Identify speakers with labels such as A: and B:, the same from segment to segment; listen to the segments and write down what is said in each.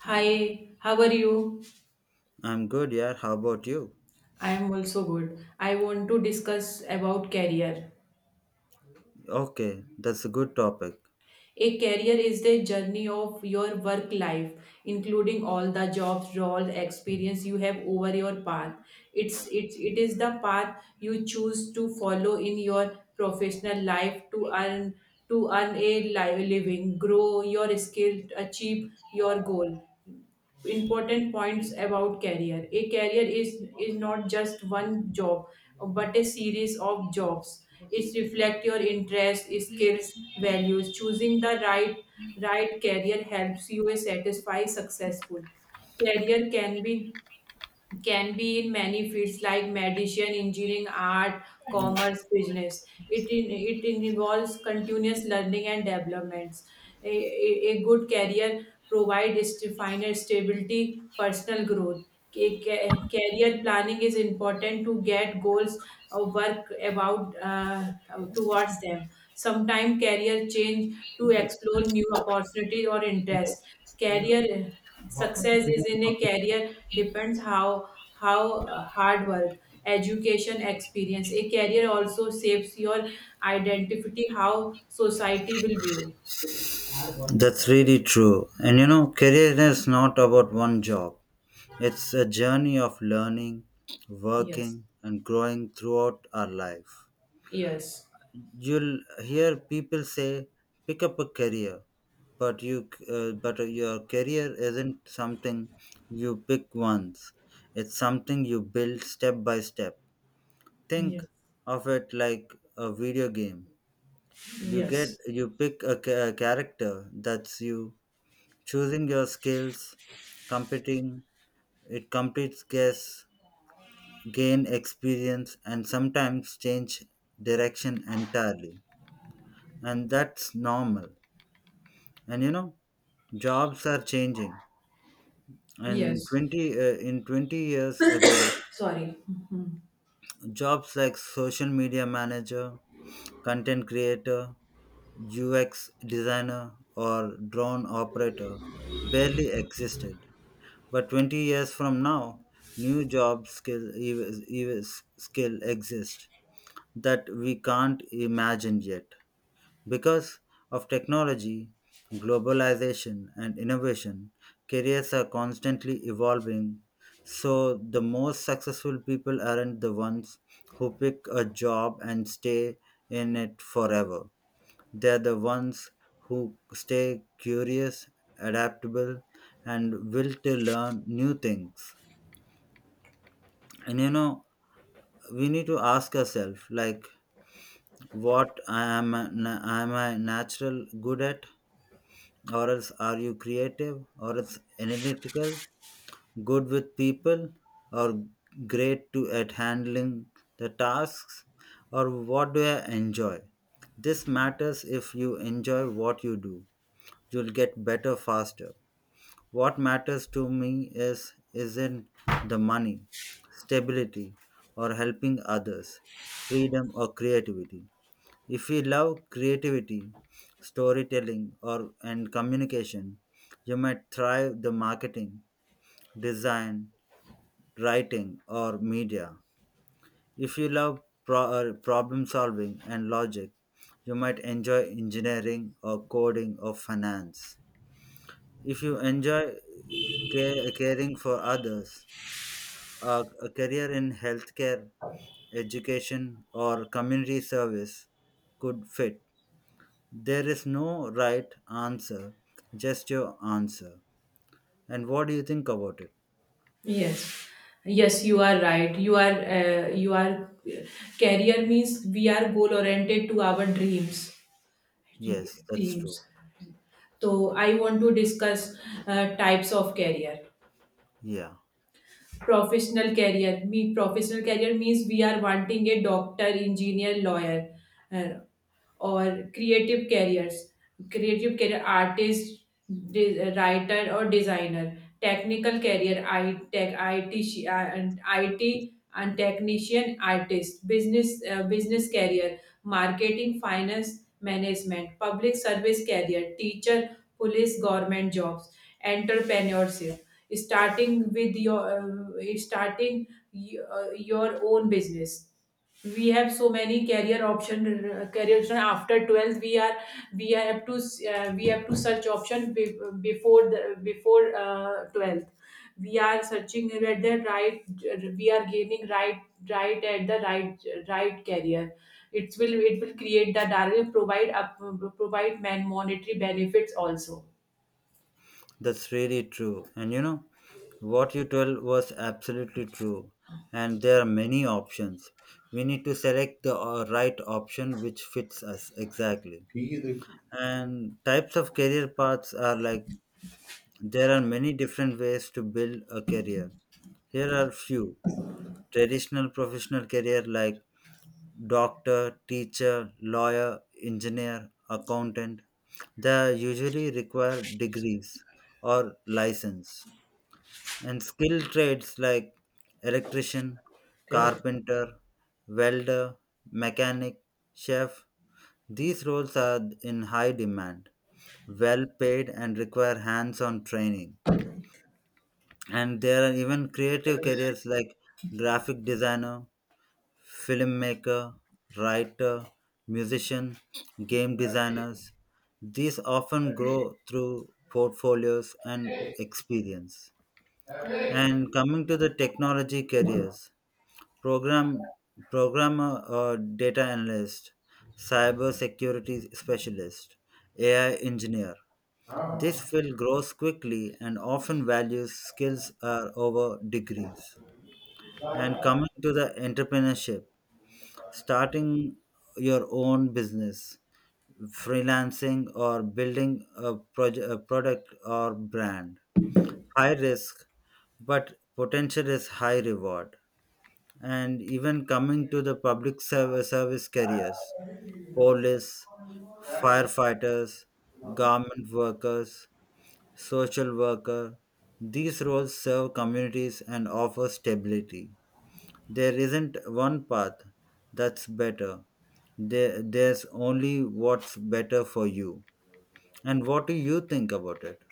A: Hi, how are you?
B: I'm good, yeah. How about you?
A: I am also good. I want to discuss about career.
B: Okay, that's a good topic.
A: A career is the journey of your work life, including all the jobs, roles, experience you have over your path. It's it is the path you choose to follow in your professional life to earn a living, grow your skill, achieve your goal. Important points about career, a career is not just one job but a series of jobs. It reflects your interests, skills, values. Choosing the right career helps you a satisfy successful career. Can be can be in many fields like medicine, engineering, art, commerce, business. It involves continuous learning and developments. A, a, a good career provides final stability, personal growth. Career planning is important to get goals or work about towards them. Sometimes career change to explore new opportunities or interests. Career success is in a career depends how hard work, education, experience. A career also shapes your identity, how society will view.
B: That's really true. And you know, career is not about one job, it's a journey of learning,
A: Yes.
B: working, and growing throughout our life.
A: Yes.
B: You'll hear people say, pick up a career. But but your career isn't something you pick once. It's something you build step by step. Think
A: Yes.
B: of it like a video game. You get
A: Yes.
B: you pick a character that's you, choosing your skills, competing, it completes, guess, gain experience, and sometimes change direction entirely, and that's normal. And you know, jobs are changing, and
A: Yes,
B: 20 years ago
A: sorry. Mhm.
B: jobs like social media manager, content creator, ux designer, or drone operator barely existed. But 20 years from now, new job skill, skill exist that we can't imagine yet. Because of technology, globalization, and innovation, careers are constantly evolving. So the most successful people aren't the ones who pick a job and stay in it forever. They're the ones who stay curious, adaptable, and will to learn new things. And you know, we need to ask ourselves, like, what I am, am I natural good at, or else are you creative, or else analytical, good with people, or great to at handling the tasks, or what do I enjoy. This matters. If you enjoy what you do, you'll get better faster. What matters to me is isn't the money, stability, or helping others, freedom or creativity. If we love creativity, storytelling, or and communication, you might thrive the marketing, design, writing, or media. If you love problem solving and logic, you might enjoy engineering or coding or finance. If you enjoy caring for others, a career in healthcare, education, or community service could fit. There is no right answer, just your answer. And what do you think about it?
A: Yes. Yes, you are right. You are, career means we are goal oriented to our dreams.
B: Yes, that's
A: Dreams.
B: true.
A: So I want to discuss types of career.
B: Yeah,
A: Professional career me professional career means we are wanting a doctor, engineer, lawyer, uh, or creative careers. Creative career, artist, writer or designer. Technical career, I tech, it sh- and it and technician, artist, business, business career, marketing, finance, management, public service career, teacher, police, government jobs, entrepreneurship. Starting with your starting your own business. We have so many career option, career option after 12th, we are, we have to search option before before 12th. We are searching at the right, we are gaining right, right at the right, right career. It will create that will provide up provide man monetary benefits also.
B: that's really true. And you know, what you told was absolutely true. And there are many options. We need to select the right option which fits us exactly.
A: ठीक है, देखो,
B: And types of career paths are like, there are many different ways to build a career. Here are few. Traditional professional career like doctor, teacher, lawyer, engineer, accountant. They usually require degrees or license. And skilled trades like electrician,
A: क्या है?
B: carpenter, welder, mechanic, chef. These roles are in high demand, well paid, and require hands-on training. And there are even creative careers like graphic designer, filmmaker, writer, musician, game designers. These often grow through portfolios and experience. And coming to the technology careers, program programmer or data analyst, cyber security specialist, AI engineer. This field grows quickly and often values skills are over degrees. And coming to the entrepreneurship, starting your own business, freelancing, or building a product or brand. High risk, but potential is high reward. And even coming to the public service, service careers, police, firefighters, government workers, social worker, these roles serve communities and offer stability. There isn't one path that's better. There's only what's better for you. And what do you think about it?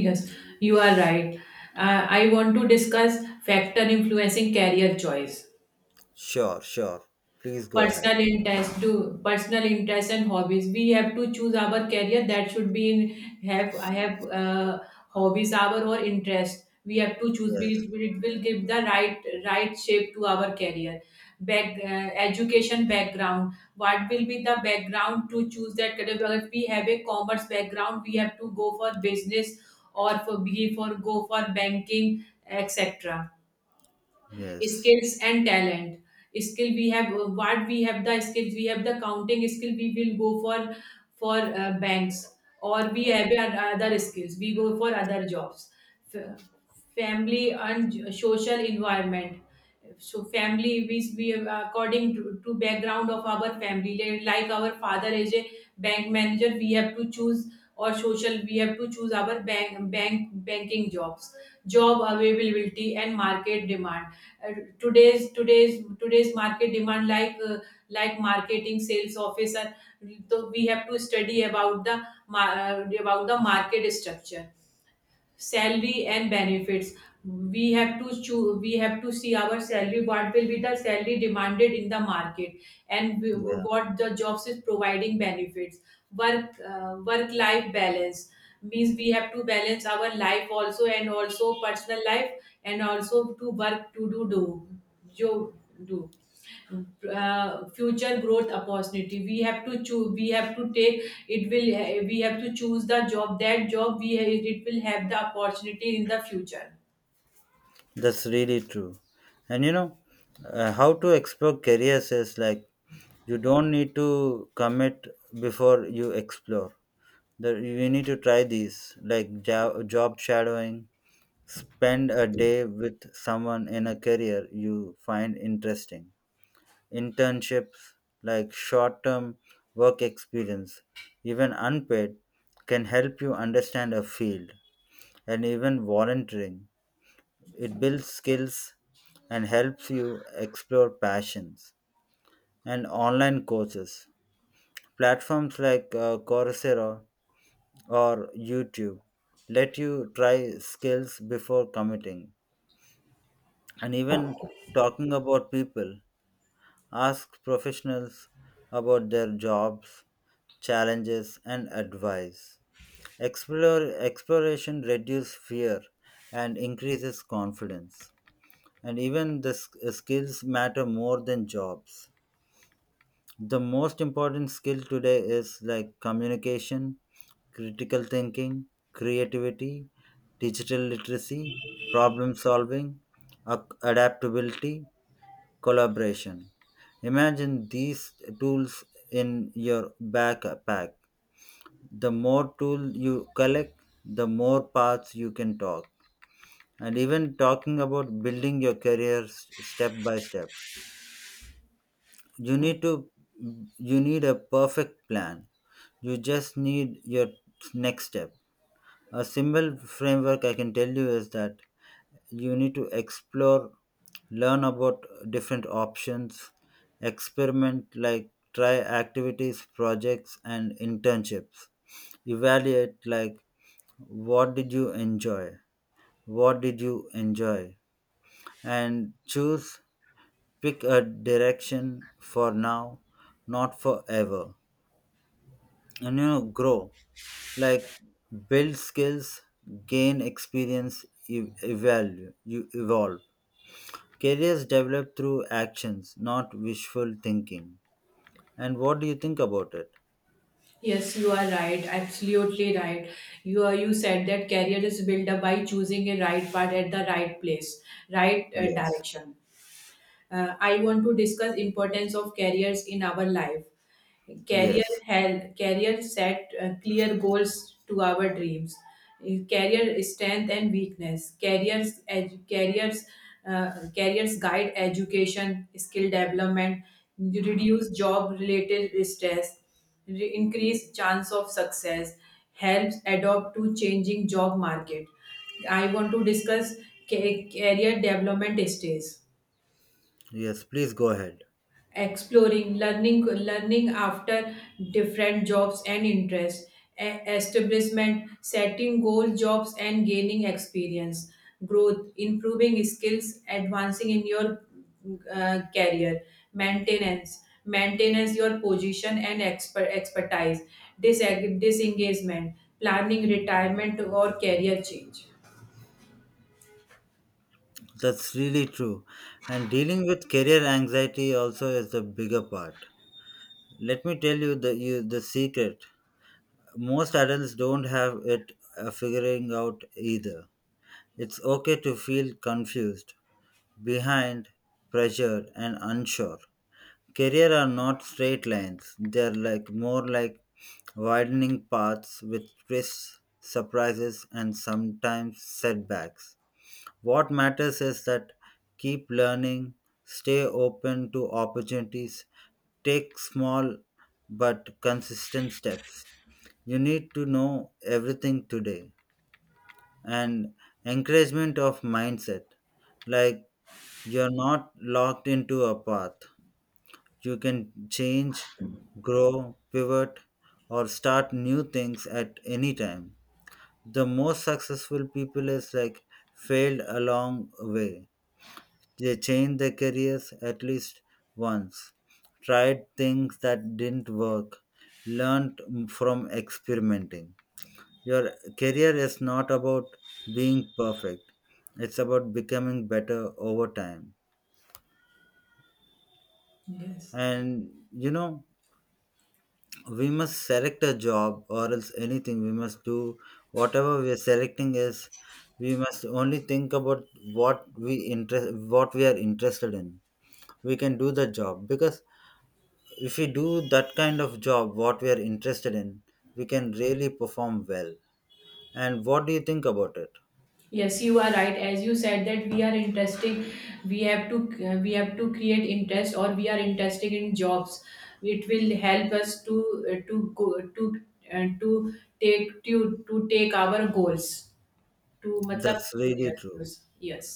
A: Yes, you are right. I want to discuss factor influencing career choice.
B: Sure, sure. Please go
A: personal
B: ahead.
A: interest to personal interest and hobbies, we have to choose our career that should be in, have I have hobbies our or interest, we have to choose. We,
B: Yes,
A: it will give the right shape to our career. Back Education background, what will be the background to choose that career. If we have a commerce background, we have to go for business or for be for go for banking, etc.
B: yes.
A: Skills and talent. Skill we have, the skills we have, the counting skill, we will go for banks, or we have other skills, we go for other jobs. F- Family and social environment. So family, we according to background of our family, like our father is a bank manager, we have to choose, or social, we have to choose our bank banking jobs. Job availability and market demand. Today's market demand like marketing, sales officer. So we have to study about the about the market structure. Salary and benefits. We have to choose, we have to see our salary, what will be the salary demanded in the market, and
B: Yeah,
A: what the jobs is providing benefits. Work life balance means we have to balance our life also, and also personal life, and also to work to do you do, future growth opportunity. We have to choose, we have to take, it will, we have to choose the job, that job, we, it will have the opportunity in the future.
B: that's really true. And you know, how to explore careers is like, you don't need to commit before you explore. That you need to try these, like job shadowing, spend a day with someone in a career you find interesting. Internships, like short term work experience, even unpaid, can help you understand a field. And even volunteering, it builds skills and helps you explore passions. And online courses, platforms like Coursera or YouTube let you try skills before committing. And even talking about people, ask professionals about their jobs, challenges, and advice. Explore, exploration reduces fear and increases confidence. And even the skills matter more than jobs. The most important skill today is like communication, critical thinking, creativity, digital literacy, problem solving, adaptability, collaboration. Imagine these tools in your backpack. The more tools you collect, the more paths you can talk. And even talking about building your career step by step, you need to you need a perfect plan. You just need your next step. A simple framework I can tell you is that you need to explore, learn about different options, experiment, like try activities, projects, and internships, evaluate, like what did you enjoy, what did you enjoy, and choose, pick a direction for now, not forever. And you know, grow, like build skills, gain experience, evaluate, you evolve. Careers develop through actions, not wishful thinking. And what do you think about it?
A: Yes, you are right. Absolutely right. You said that career is built up by choosing a right path at the right place, right
B: Yes,
A: direction. I want to discuss importance of careers in our life. Career
B: yes,
A: health, career set clear goals to our dreams. Career strength and weakness, careers, careers, uh, careers guide education, skill development, reduce job related stress, increase chance of success, helps adopt to changing job market. I want to discuss career development stage.
B: yes, please go ahead.
A: Exploring, learning, learning after different jobs and interests. E establishment setting goal, jobs and gaining experience. Growth, improving skills, advancing in your career. Maintenance, maintenance your position and expertise. Disag- disengagement planning retirement or career change.
B: That's really true. And dealing with career anxiety also is the bigger part. Let me tell you the secret. Most adults don't have it figuring out either. It's okay to feel confused, behind, pressured, and unsure. Career are not straight lines. They are like, more like widening paths with twists, surprises, and sometimes setbacks. What matters is that keep learning, stay open to opportunities, take small but consistent steps. You need to know everything today. And encouragement of mindset, like you're not locked into a path. You can change, grow, pivot, or start new things at any time. The most successful people is like, failed along way. They changed their careers at least once, tried things that didn't work, learned from experimenting. Your career is not about being perfect. It's about becoming better over time.
A: Yes.
B: And you know, we must select a job, or else anything we must do, whatever we are selecting is, we must only think about what we interest, what we are interested in. We can do the job because if we do that kind of job what we are interested in, we can really perform well. And what do you think about it?
A: Yes, you are right. As you said that we are interesting, we have to we have to create interest, or we are interested in jobs. It will help us to go uh, to to take our goals to मतलब
B: That's
A: to.
B: really
A: Yes,
B: true,
A: yes, yes.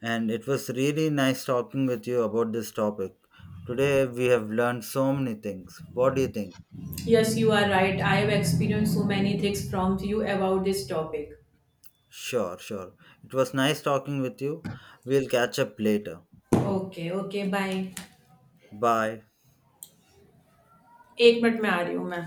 B: and it was really nice talking with you about this topic. Today we have learned so many things. What do you think?
A: Yes, you are right. I have experienced so many things from you about this topic.
B: Sure, sure. It was nice talking with you. We'll catch up later.
A: Okay, okay, bye.
B: Bye.
A: एक minute में आ रही हूँ मैं